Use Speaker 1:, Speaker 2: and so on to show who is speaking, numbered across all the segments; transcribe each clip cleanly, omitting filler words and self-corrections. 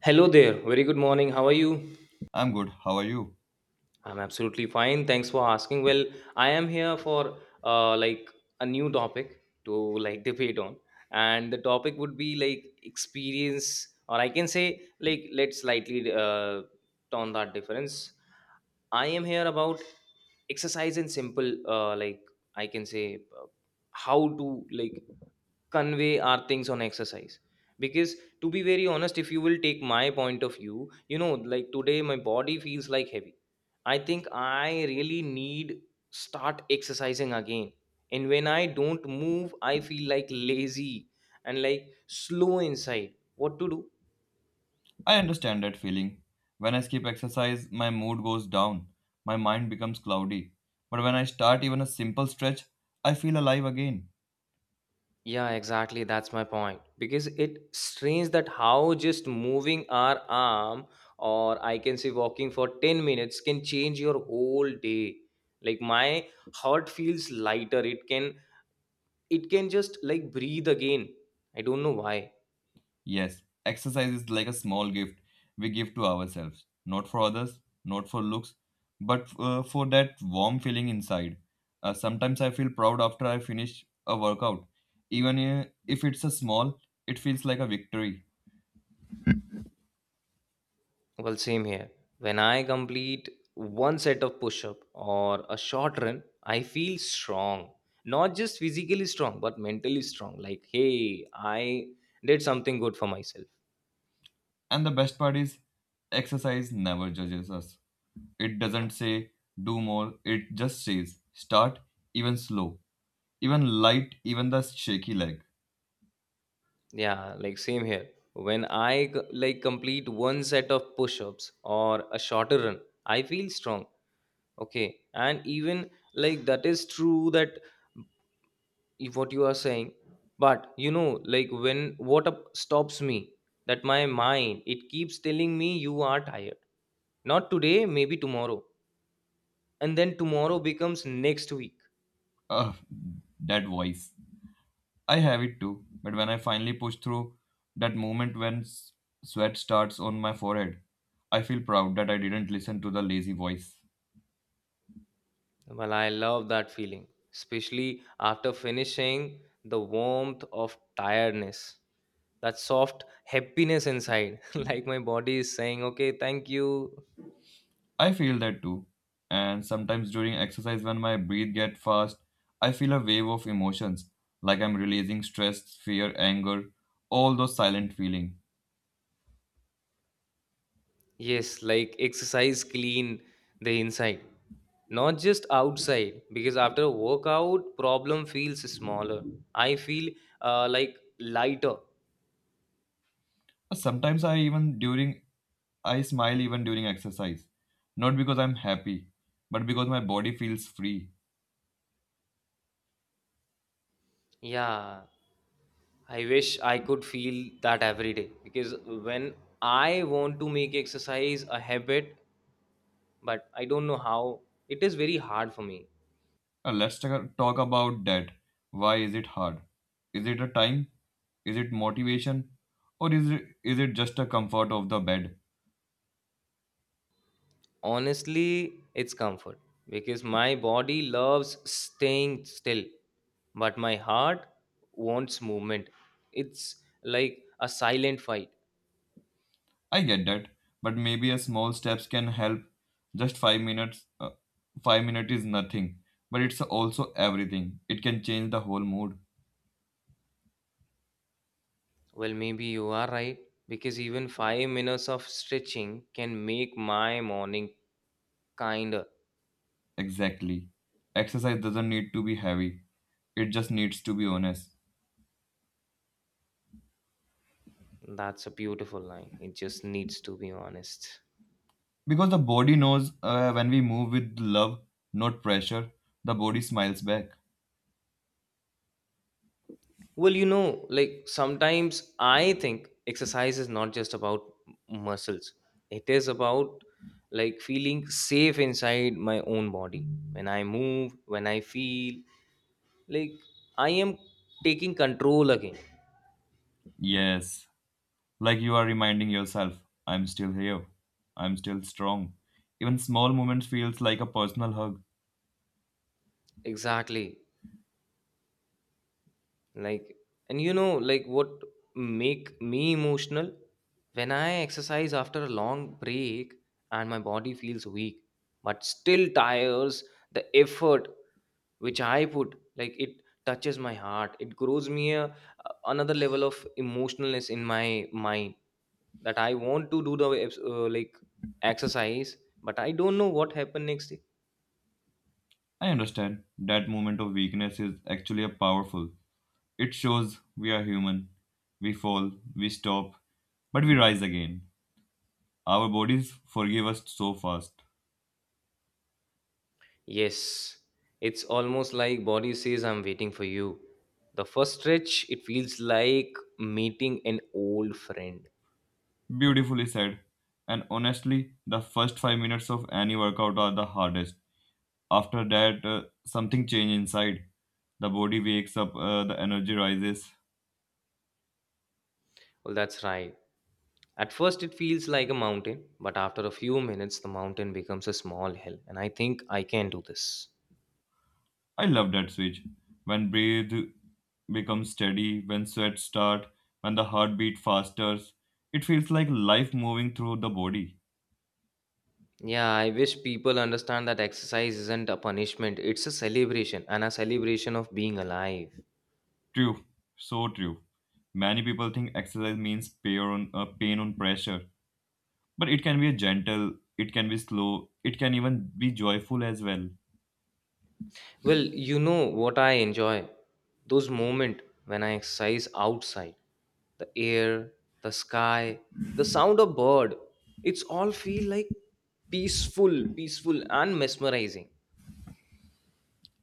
Speaker 1: Hello there. Very good morning. How are you?
Speaker 2: I'm good. How are you?
Speaker 1: I'm absolutely fine. Thanks for asking. Well, I am here for like a new topic to like debate on, and the topic would be like experience, or I can say like let's slightly tone that difference. I am here about exercise and simple, like I can say how to like convey our things on exercise because to be very honest if you will take my point of view you know like today my body feels like heavy. I think I really need start exercising again. And when I don't move, I feel like lazy and like slow inside. What to do?
Speaker 2: I understand that feeling. When I skip exercise, my mood goes down. My mind becomes cloudy. But when I start even a simple stretch, I feel alive again.
Speaker 1: Yeah, exactly. That's my point. Because it strange that how just moving our arm or I can say walking for 10 minutes can change your whole day. Like my heart feels lighter. It can just like breathe again. I don't know why.
Speaker 2: Yes, exercise is like a small gift we give to ourselves. Not for others, not for looks, but for that warm feeling inside. Sometimes I feel proud after I finish a workout. Even if it's a small, it feels like a victory.
Speaker 1: Well, same here. When I complete one set of push up or a short run, I feel strong. Not just physically strong, but mentally strong. Like, hey, I did something good for myself.
Speaker 2: And the best part is, exercise never judges us. It doesn't say do more, it just says start, even slow, even light, even the shaky leg.
Speaker 1: Yeah, like, same here. When I like complete one set of push ups or a shorter run, I feel strong. Okay. And even like that is true that if what you are saying but you know like when what up stops me that my mind it keeps telling me you are tired, not today, maybe tomorrow, and then tomorrow becomes next week.
Speaker 2: Ugh, that voice. I have it too, but when I finally push through that moment when sweat starts on my forehead, I feel proud that I didn't listen to the lazy voice.
Speaker 1: Well, I love that feeling, especially after finishing, the warmth of tiredness, that soft happiness inside like my body is saying okay, thank you.
Speaker 2: I feel that too. And sometimes during exercise when my breath get fast, I feel a wave of emotions, like I'm releasing stress, fear, anger, all those silent feelings.
Speaker 1: Yes, like exercise clean the inside, not just outside. Because after a workout, problem feels smaller. I feel like lighter.
Speaker 2: Sometimes I smile even during exercise, not because I'm happy, but because my body feels free.
Speaker 1: Yeah, I wish I could feel that every day. Because when I want to make exercise a habit, but I don't know how, it is very hard for me.
Speaker 2: Let's talk about that. Why is it hard? Is it a time? Is it motivation? Or is it just a comfort of the bed?
Speaker 1: Honestly, it's comfort because my body loves staying still, but my heart wants movement. It's like a silent fight.
Speaker 2: I get that, but maybe a small steps can help. Just 5 minutes 5 minutes is nothing, but it's also everything. It can change the whole mood.
Speaker 1: Well, maybe you are right because even 5 minutes of stretching can make my morning kinder.
Speaker 2: Exactly. Exercise doesn't need to be heavy, it just needs to be honest.
Speaker 1: That's a beautiful line. It just needs to be honest.
Speaker 2: Because the body knows when we move with love, not pressure, the body smiles back.
Speaker 1: Well, you know, like sometimes I think exercise is not just about muscles. It is about like feeling safe inside my own body. When I move, when I feel like I am taking control again.
Speaker 2: Yes, like you are reminding yourself, I'm still here. I'm still strong. Even small moments feels like a personal hug.
Speaker 1: Exactly. Like, and you know like what make me emotional when I exercise after a long break and my body feels weak but still tires, the effort which I put, like it touches my heart, it grows me a, another level of emotionalness in my mind, that I want to do the like exercise, but I don't know what happened next day.
Speaker 2: I understand that moment of weakness is actually a powerful. It shows we are human. We fall, we stop, but we rise again. Our bodies forgive us so fast.
Speaker 1: Yes, it's almost like body says I'm waiting for you. The first stretch, it feels like meeting an old friend.
Speaker 2: Beautifully said. And honestly, the first 5 minutes of any workout are the hardest. After that, something change inside. The body wakes up, the energy rises.
Speaker 1: Well, that's right. At first, it feels like a mountain, but after a few minutes, the mountain becomes a small hill, and I think I can do this.
Speaker 2: I love that switch. When breathe becomes steady, when sweat start, when the heartbeat fasters, it feels like life moving through the body.
Speaker 1: Yeah, I wish people understand that exercise isn't a punishment, it's a celebration and a celebration of being alive.
Speaker 2: True, so true. Many people think exercise means pain on pressure, but it can be a gentle, it can be slow, it can even be joyful as well.
Speaker 1: Well, you know what I enjoy? Those moments when I exercise outside, the air, the sky, the sound of bird. It's all feel like peaceful, peaceful and mesmerizing.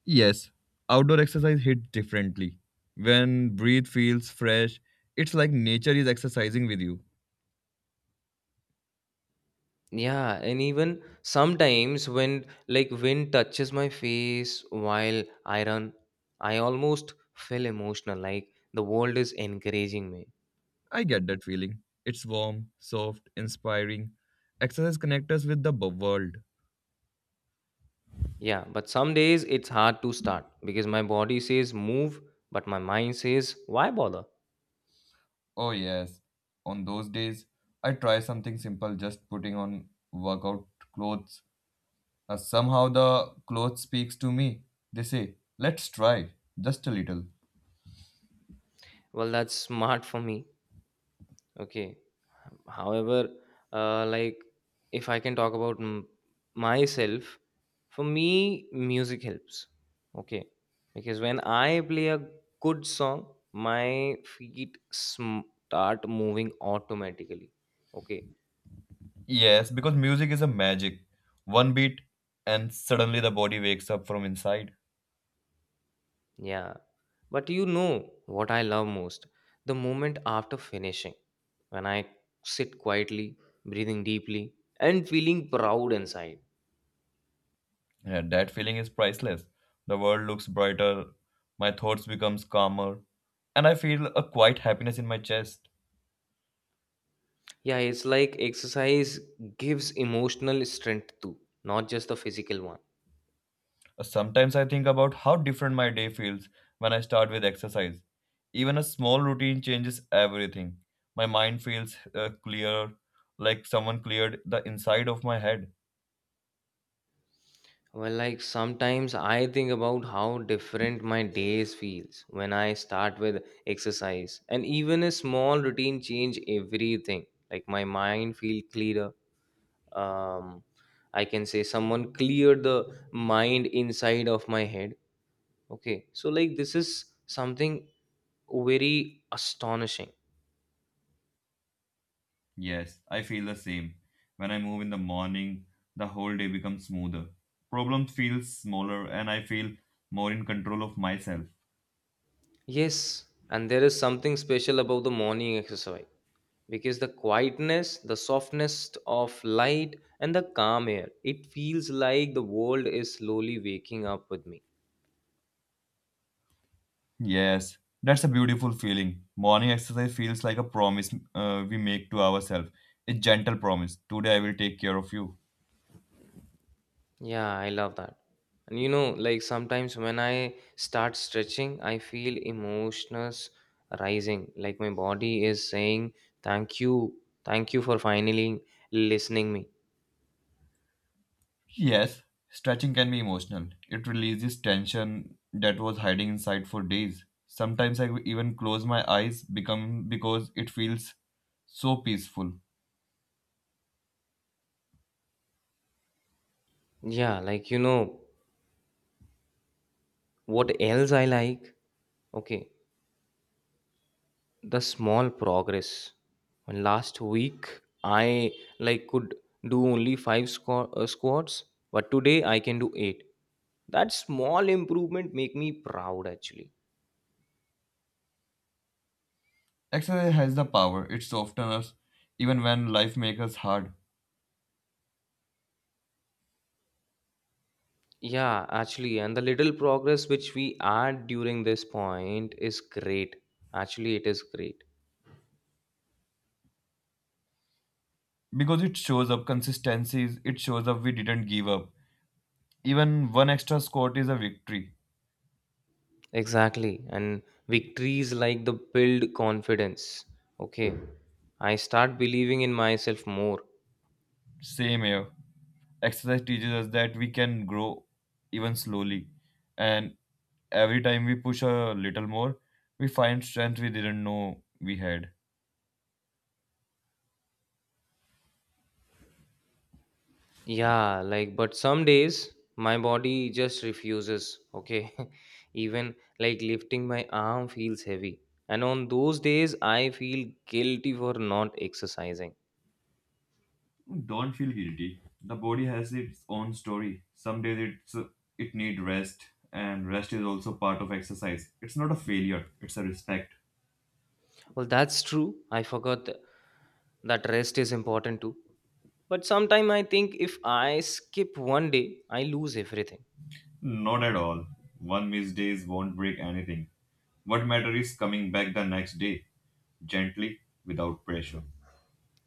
Speaker 2: Yes, outdoor exercise hits differently. When breathe feels fresh, it's like nature is exercising with you.
Speaker 1: Yeah, and even sometimes when like wind touches my face while I run, I almost feel emotional like the world is encouraging me.
Speaker 2: I get that feeling. It's warm, soft, inspiring. Exercise connects us with the world.
Speaker 1: Yeah, but some days it's hard to start because my body says move, but my mind says why bother?
Speaker 2: Oh, yes. On those days, I try something simple, just putting on workout clothes. Somehow the clothes speaks to me. They say, let's try, just a little.
Speaker 1: Well, that's smart for me. Okay. However, like if I can talk about myself, for me, music helps. Okay. Because when I play a good song, my feet start moving automatically. Okay.
Speaker 2: Yes, because music is a magic. One beat, and suddenly the body wakes up from inside.
Speaker 1: Yeah. But you know what I love most? The moment after finishing, when I sit quietly, breathing deeply, and feeling proud inside.
Speaker 2: Yeah, that feeling is priceless. The world looks brighter, my thoughts becomes calmer, and I feel a quiet happiness in my chest.
Speaker 1: Yeah, it's like exercise gives emotional strength too, not just the physical one.
Speaker 2: Sometimes I think about how different my day feels when I start with exercise. Even a small routine changes everything. My mind feels clearer, like someone cleared the inside of my head.
Speaker 1: Well, like sometimes I think about how different my days feels when I start with exercise, and even a small routine change everything. Like my mind feel clearer. Um, I can say someone cleared the mind inside of my head. Okay, so like this is something very astonishing.
Speaker 2: Yes, I feel the same. When I move in the morning, the whole day becomes smoother. Problems feel smaller and I feel more in control of myself.
Speaker 1: Yes, and there is something special about the morning exercise because the quietness, the softness of light, and the calm air, it feels like the world is slowly waking up with me.
Speaker 2: Yes, that's a beautiful feeling. Morning exercise feels like a promise we make to ourselves. A gentle promise. Today I will take care of you.
Speaker 1: Yeah, I love that. And you know, like sometimes when I start stretching, I feel emotions rising, like my body is saying, thank you, thank you for finally listening me.
Speaker 2: Yes, stretching can be emotional. It releases tension that was hiding inside for days. Sometimes I even close my eyes become because it feels so peaceful.
Speaker 1: Yeah, like you know, what else I like? Okay, the small progress, and last week I like could do only five squats, but today I can do eight. That small improvement make me proud, actually.
Speaker 2: Exercise has the power, it softens us even when life makes us hard.
Speaker 1: Yeah, actually, and the little progress which we add during this point is great, actually it is great.
Speaker 2: Because it shows up consistencies, it shows up we didn't give up. Even one extra squat is a victory.
Speaker 1: Exactly, and victories like the build confidence, okay, I start believing in myself more.
Speaker 2: Same here. Exercise teaches us that we can grow even slowly. And every time we push a little more, we find strength we didn't know we had.
Speaker 1: Yeah, like, but some days my body just refuses, okay? Even like lifting my arm feels heavy. And on those days, I feel guilty for not exercising.
Speaker 2: Don't feel guilty. The body has its own story. Some days it need rest, and rest is also part of exercise. It's not a failure. It's a respect.
Speaker 1: Well, that's true. I forgot that rest is important too. But sometimes I think if I skip one day, I lose everything.
Speaker 2: Not at all. One missed days won't break anything. What matter is coming back the next day, gently, without pressure.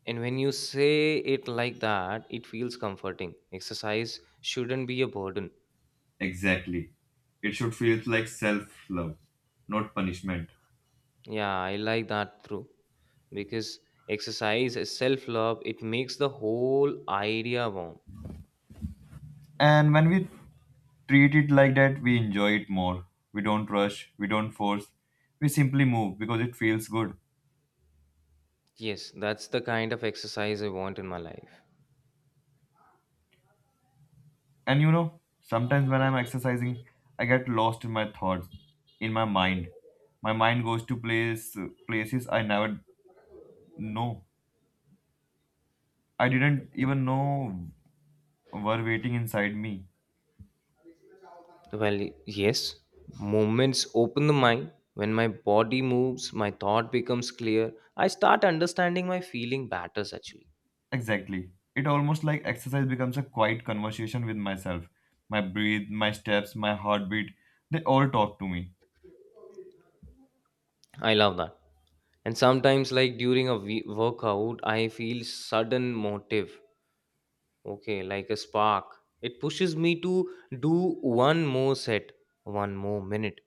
Speaker 1: And when you say it like that, it feels comforting. Exercise shouldn't be a burden.
Speaker 2: Exactly. It should feel like self love, not punishment.
Speaker 1: Yeah, I like that too. Because exercise is self love, it makes the whole idea warm.
Speaker 2: And when we treat it like that, we enjoy it more. We don't rush, we don't force, we simply move because it feels good.
Speaker 1: Yes, that's the kind of exercise I want in my life.
Speaker 2: And you know, sometimes when I'm exercising, I get lost in my thoughts, in my mind. My mind goes to places I never know. I didn't even know were waiting inside me.
Speaker 1: Well, yes, movements open the mind. When my body moves, my thought becomes clear. I start understanding my feeling batters, actually.
Speaker 2: Exactly. It almost like exercise becomes a quiet conversation with myself. My breath, my steps, my heartbeat, they all talk to me.
Speaker 1: I love that, and sometimes like during a workout I feel sudden motive, okay, like a spark, it pushes me to do one more set, one more minute.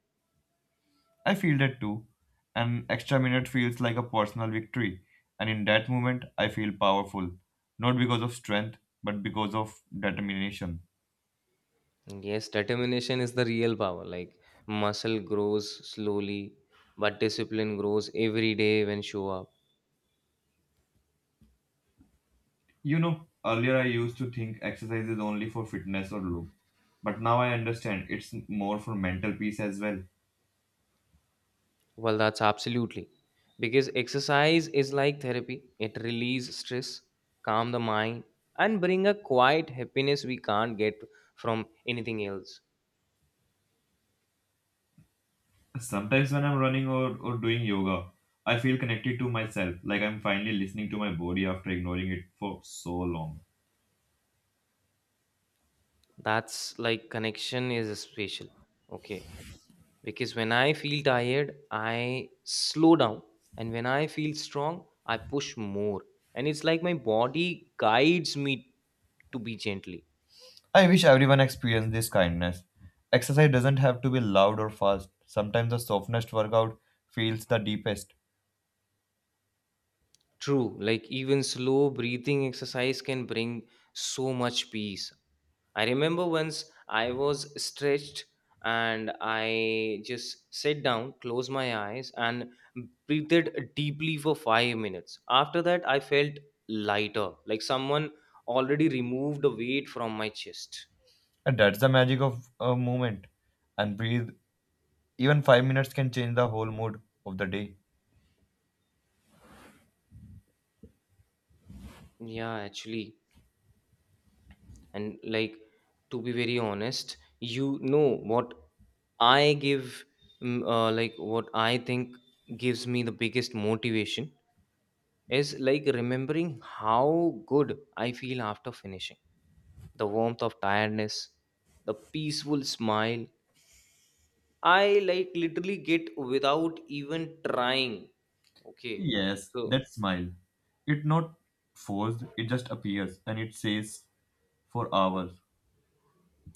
Speaker 2: I feel that too. An extra minute feels like a personal victory, and in that moment, I feel powerful, not because of strength, but because of determination.
Speaker 1: Yes, determination is the real power. Like muscle grows slowly, but discipline grows every day when show up.
Speaker 2: You know, earlier I used to think exercise is only for fitness or look, but now I understand it's more for mental peace as well.
Speaker 1: Well, that's absolutely because exercise is like therapy. It release stress, calm the mind, and bring a quiet happiness we can't get from anything else.
Speaker 2: Sometimes when I'm running or doing yoga, I feel connected to myself, like I'm finally listening to my body after ignoring it for so long.
Speaker 1: That's like connection is special. Okay. Because when I feel tired, I slow down, and when I feel strong, I push more, and it's like my body guides me to be gently.
Speaker 2: I wish everyone experienced this kindness. Exercise doesn't have to be loud or fast. Sometimes the softest workout feels the deepest.
Speaker 1: True, like even slow breathing exercise can bring so much peace. I remember once I was stretched, and I just sat down, closed my eyes, and breathed deeply for 5 minutes. After that, I felt lighter, like someone already removed the weight from my chest.
Speaker 2: And that's the magic of a movement. And breathe. Even 5 minutes can change the whole mood of the day.
Speaker 1: Yeah, actually. And like, to be very honest, you know what I give, like what I think gives me the biggest motivation is like remembering how good I feel after finishing, the warmth of tiredness, the peaceful smile I like literally get without even trying, okay,
Speaker 2: Yes,
Speaker 1: so.
Speaker 2: that smile. It's not forced, it just appears and it stays for hours.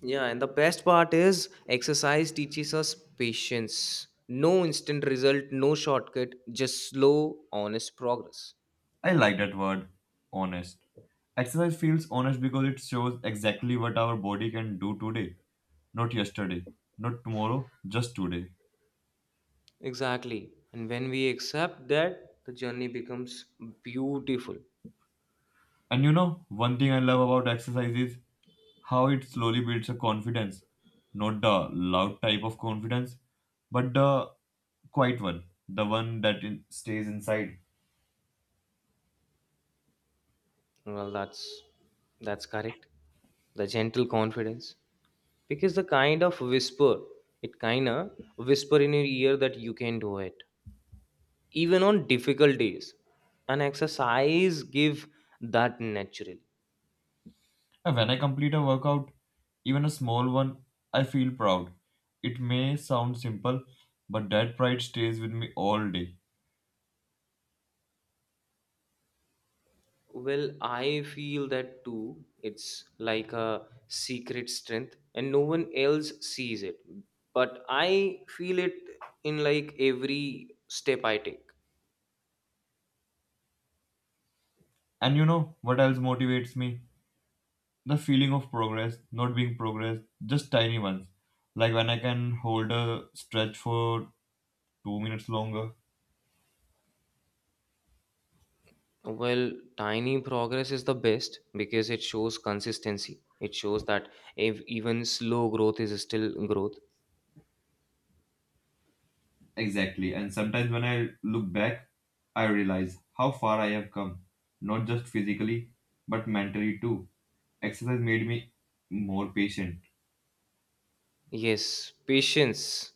Speaker 1: Yeah, and the best part is exercise teaches us patience. No instant result, no shortcut, just slow, honest progress.
Speaker 2: I like that word, honest. Exercise feels honest because it shows exactly what our body can do today, not yesterday, not tomorrow, just today.
Speaker 1: Exactly. And when we accept that, the journey becomes beautiful.
Speaker 2: And you know, one thing I love about exercise is how it slowly builds a confidence. Not the loud type of confidence, but the quiet one. The one that stays inside.
Speaker 1: Well, that's correct. The gentle confidence. Because the kind of whisper, it kinda whisper in your ear that you can do it. Even on difficult days. An exercise give that naturally.
Speaker 2: And when I complete a workout, even a small one, I feel proud. It may sound simple, but that pride stays with me all day.
Speaker 1: Well, I feel that too. It's like a secret strength, and no one else sees it. But I feel it in like every step I take.
Speaker 2: And you know what else motivates me? The feeling of progress, not being progress, just tiny ones. Like when I can hold a stretch for 2 minutes longer.
Speaker 1: Well, tiny progress is the best because it shows consistency. It shows that if even slow growth is still growth.
Speaker 2: Exactly. And sometimes when I look back, I realize how far I have come, not just physically, but mentally too. Exercise made me more patient.
Speaker 1: Yes, patience.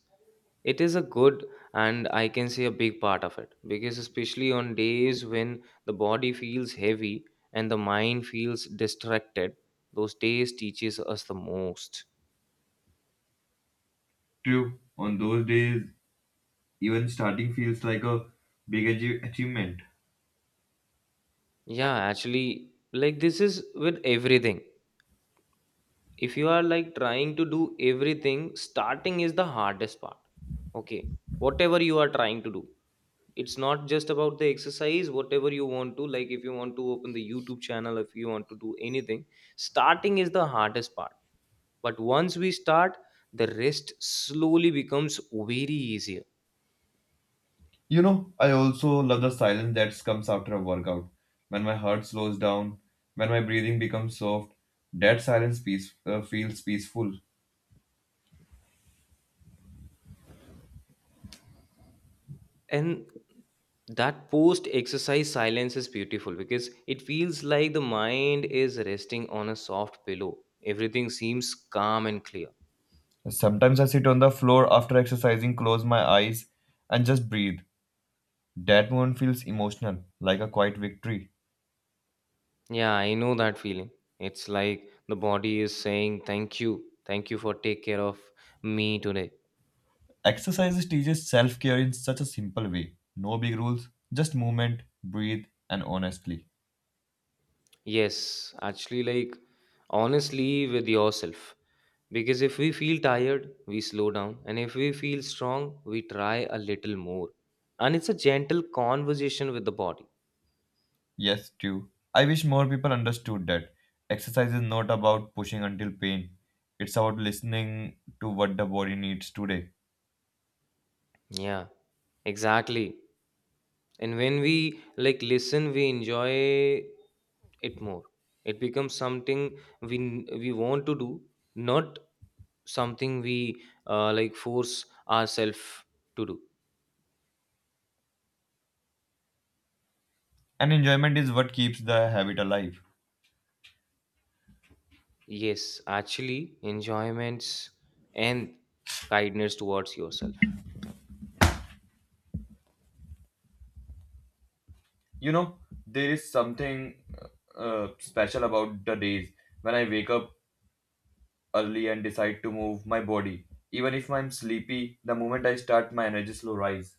Speaker 1: It is a good, and I can say a big part of it because, especially on days when the body feels heavy and the mind feels distracted, those days teaches us the most.
Speaker 2: True, on those days, even starting feels like a big achievement.
Speaker 1: Yeah, actually, like this is with everything. If you are like trying to do everything, starting is the hardest part. Okay, whatever you are trying to do. It's not just about the exercise, whatever you want to like, if you want to open the YouTube channel, if you want to do anything, starting is the hardest part, but once we start, the rest slowly becomes very easier.
Speaker 2: You know, I also love the silence that comes after a workout. When my heart slows down, when my breathing becomes soft, that silence peace, feels peaceful.
Speaker 1: And that post exercise silence is beautiful because it feels like the mind is resting on a soft pillow. Everything seems calm and clear.
Speaker 2: Sometimes I sit on the floor after exercising, close my eyes, and just breathe. That moment feels emotional, like a quiet victory.
Speaker 1: Yeah, I know that feeling. It's like the body is saying thank you, thank you for take care of me today.
Speaker 2: Exercises teaches self care in such a simple way. No big rules, just movement, breathe, and honestly.
Speaker 1: Yes, actually, like honestly with yourself. Because if we feel tired, we slow down. And if we feel strong, we try a little more. And it's a gentle conversation with the body.
Speaker 2: Yes, too. I wish more people understood that exercise is not about pushing until pain. It's about listening to what the body needs today.
Speaker 1: Yeah, exactly. And when we like listen, we enjoy it more. It becomes something we we want to do, not something we like force ourselves to do.
Speaker 2: And enjoyment is what keeps the habit alive.
Speaker 1: Yes, actually, enjoyments and kindness towards yourself.
Speaker 2: You know, there is something special about the days when I wake up early and decide to move my body. Even if I'm sleepy, the moment I start, my energy slow rise.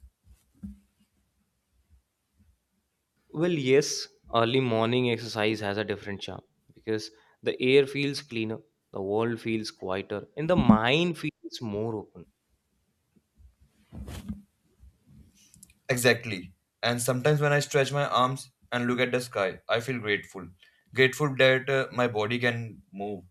Speaker 1: Well, yes, early morning exercise has a different charm because the air feels cleaner, the world feels quieter, and the mind feels more open.
Speaker 2: Exactly. And sometimes when I stretch my arms and look at the sky, I feel grateful. Grateful that my body can move.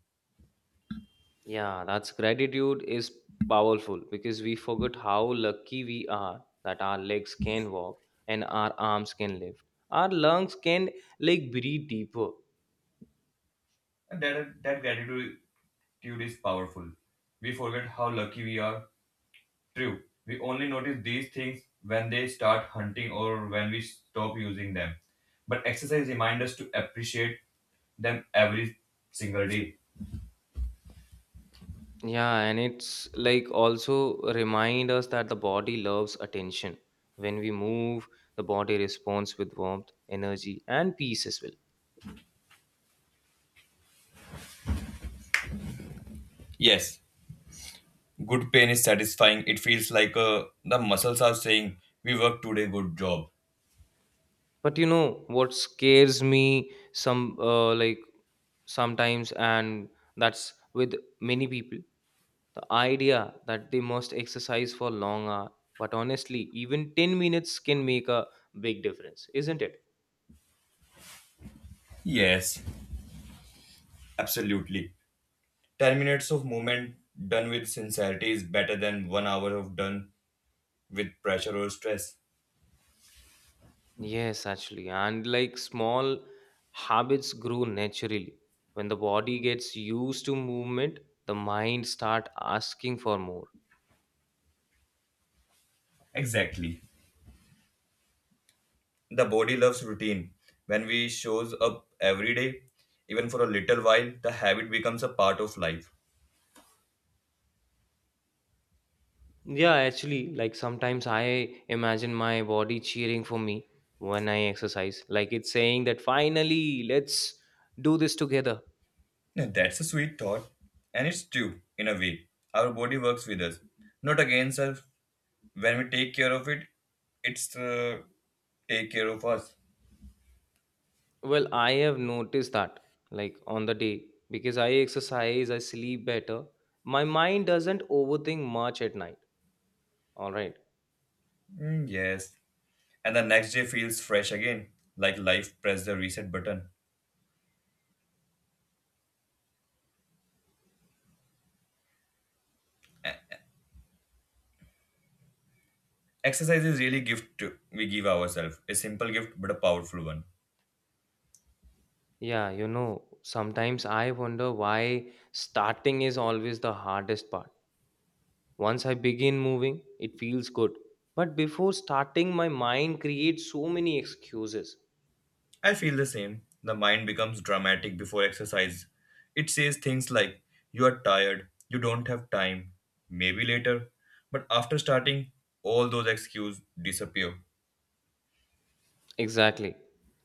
Speaker 1: Yeah, that's gratitude is powerful because we forget how lucky we are that our legs can walk and our arms can lift. Our lungs can like breathe deeper.
Speaker 2: And that gratitude is powerful. We forget how lucky we are. True, we only notice these things when they start hunting or when we stop using them. But exercise reminds us to appreciate them every single day.
Speaker 1: Yeah, and it's like also remind us that the body loves attention. When we move, the body responds with warmth, energy, and peace as well.
Speaker 2: Yes, good pain is satisfying. It feels like the muscles are saying, we worked today, good job.
Speaker 1: But you know what scares me sometimes, and that's with many people, the idea that they must exercise for long hour. But honestly, even 10 minutes can make a big difference, isn't it?
Speaker 2: Yes, absolutely. 10 minutes of movement done with sincerity is better than 1 hour of done with pressure or stress.
Speaker 1: Yes, actually. And like small habits grow naturally. When the body gets used to movement, the mind start asking for more.
Speaker 2: Exactly. The body loves routine. When we shows up every day, even for a little while, the habit becomes a part of life.
Speaker 1: Yeah, actually, like sometimes I imagine my body cheering for me when I exercise. Like it's saying that finally, let's do this together.
Speaker 2: Now, that's a sweet thought, and it's true in a way. Our body works with us, not against us. When we take care of it, it's take care of us.
Speaker 1: Well, I have noticed that like on the day because I exercise, I sleep better. My mind doesn't overthink much at night. All right.
Speaker 2: Mm, yes, and the next day feels fresh again, like life pressed the reset button. Exercise is really gift we give ourselves, a simple gift but a powerful one.
Speaker 1: Yeah, you know, sometimes I wonder why starting is always the hardest part. Once I begin moving, it feels good. But before starting, my mind creates so many excuses.
Speaker 2: I feel the same. The mind becomes dramatic before exercise. It says things like, you are tired, you don't have time, maybe later. But after starting, all those excuses disappear.
Speaker 1: Exactly.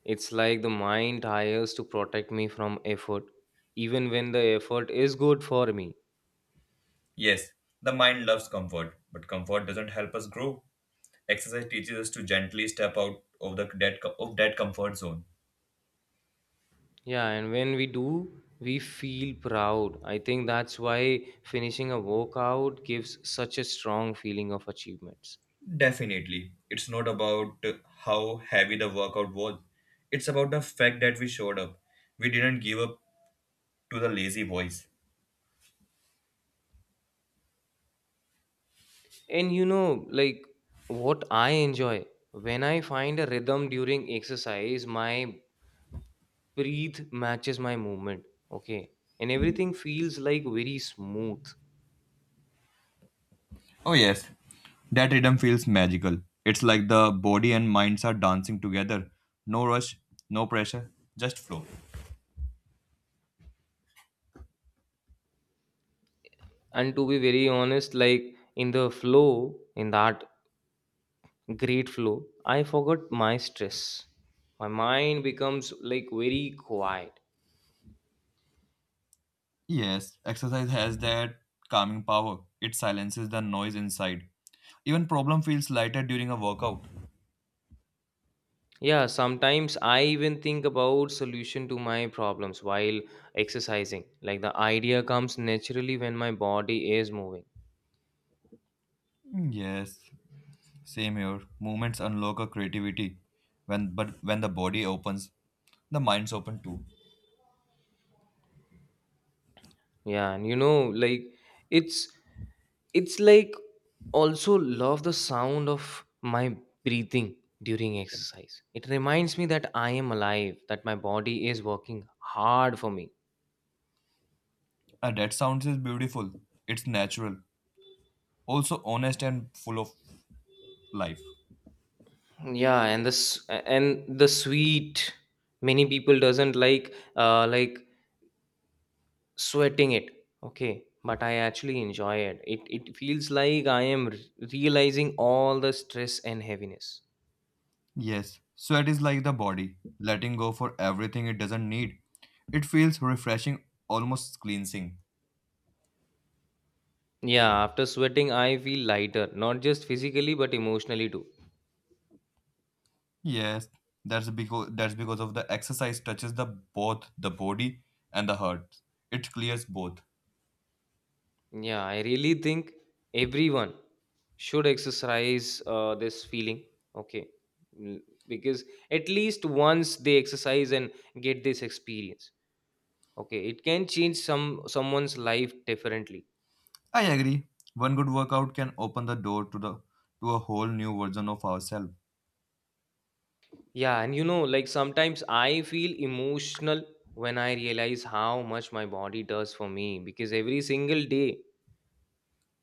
Speaker 1: It's like the mind hires to protect me from effort, even when the effort is good for me.
Speaker 2: Yes, the mind loves comfort, but comfort doesn't help us grow. Exercise teaches us to gently step out of that comfort zone.
Speaker 1: Yeah, and when we do, we feel proud. I think that's why finishing a workout gives such a strong feeling of achievements.
Speaker 2: Definitely. It's not about how heavy the workout was. It's about the fact that we showed up. We didn't give up to the lazy voice.
Speaker 1: And you know, like what I enjoy when I find a rhythm during exercise, my breathe matches my movement. Okay. And everything feels like very smooth.
Speaker 2: Oh, yes. That rhythm feels magical. It's like the body and minds are dancing together. No rush, no pressure, just flow.
Speaker 1: And to be very honest, like in the flow, in that great flow, I forgot my stress. My mind becomes like very quiet.
Speaker 2: Yes, exercise has that calming power. It silences the noise inside. Even problem feels lighter during a workout.
Speaker 1: Yeah, sometimes I even think about solution to my problems while exercising. Like the idea comes naturally when my body is moving.
Speaker 2: Yes, same here. Movements unlock a creativity. When the body opens, the mind's open too.
Speaker 1: Yeah, and you know, like it's it's like also love the sound of my breathing during exercise. It reminds me that I am alive, that my body is working hard for me.
Speaker 2: And that sounds is beautiful. It's natural, also honest and full of life.
Speaker 1: Yeah, and this and the sweet many people doesn't like sweating it, okay, but I actually enjoy it. It feels like realizing all the stress and heaviness.
Speaker 2: Yes, sweat is like the body, letting go for everything it doesn't need. It feels refreshing, almost cleansing.
Speaker 1: Yeah, after sweating I feel lighter, not just physically but emotionally too.
Speaker 2: Yes, that's because of the exercise touches the both the body and the heart. It clears both.
Speaker 1: Yeah, I really think everyone should exercise this feeling, okay. Mm, because at least once they exercise and get this experience, okay, it can change someone's life differently.
Speaker 2: I agree. One good workout can open the door to a whole new version of ourselves.
Speaker 1: Yeah, and you know, like sometimes I feel emotional when I realize how much my body does for me, because every single day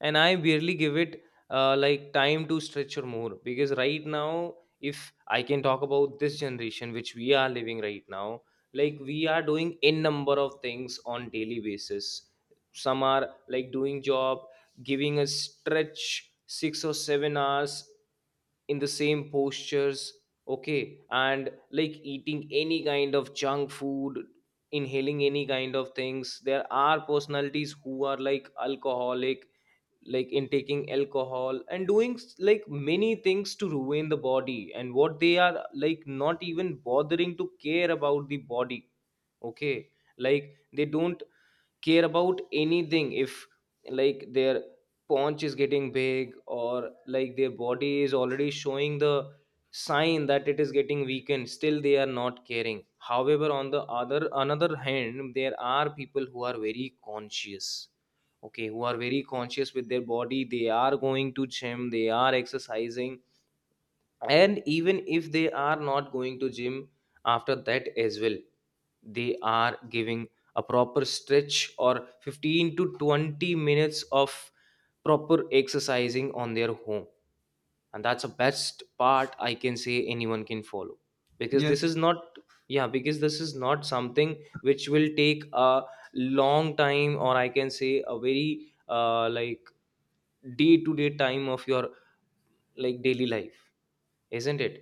Speaker 1: and I barely give it like time to stretch or more. Because right now, if I can talk about this generation which we are living right now, like we are doing n number of things on daily basis. Some are like doing job, giving a stretch 6 or 7 hours in the same postures, okay, and like eating any kind of junk food, inhaling any kind of things. There are personalities who are like alcoholic, like in taking alcohol and doing like many things to ruin the body, and what they are like not even bothering to care about the body, okay. Like they don't care about anything if like their paunch is getting big, or like their body is already showing the sign that it is getting weakened, still they are not caring. However, on the other another hand, there are people who are very conscious, okay, who are very conscious with their body. They are going to gym, they are exercising, and even if they are not going to gym, after that as well, they are giving a proper stretch or 15 to 20 minutes of proper exercising on their home. And that's the best part, I can say anyone can follow, because this
Speaker 2: Yes,
Speaker 1: is not. Yeah, because this is not something which will take a long time, or I can say a very like day to day time of your like daily life, isn't it?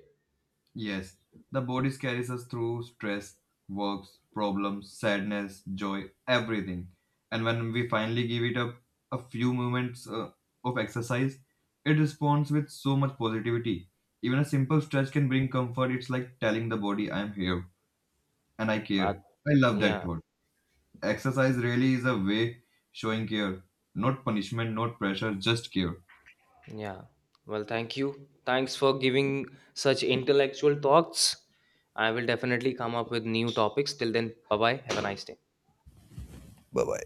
Speaker 2: Yes, the bodies carries us through stress, works, problems, sadness, joy, everything. And when we finally give it up a few moments of exercise, it responds with so much positivity. Even a simple stretch can bring comfort. It's like telling the body, I'm here and I
Speaker 1: That,
Speaker 2: care. I love
Speaker 1: yeah.
Speaker 2: that thought. Exercise really is a way showing care, not punishment, not pressure, just care.
Speaker 1: Yeah. Well, thank you. Thanks for giving such intellectual thoughts. I will definitely come up with new topics. Till then, bye bye. Have a nice day.
Speaker 2: Bye bye.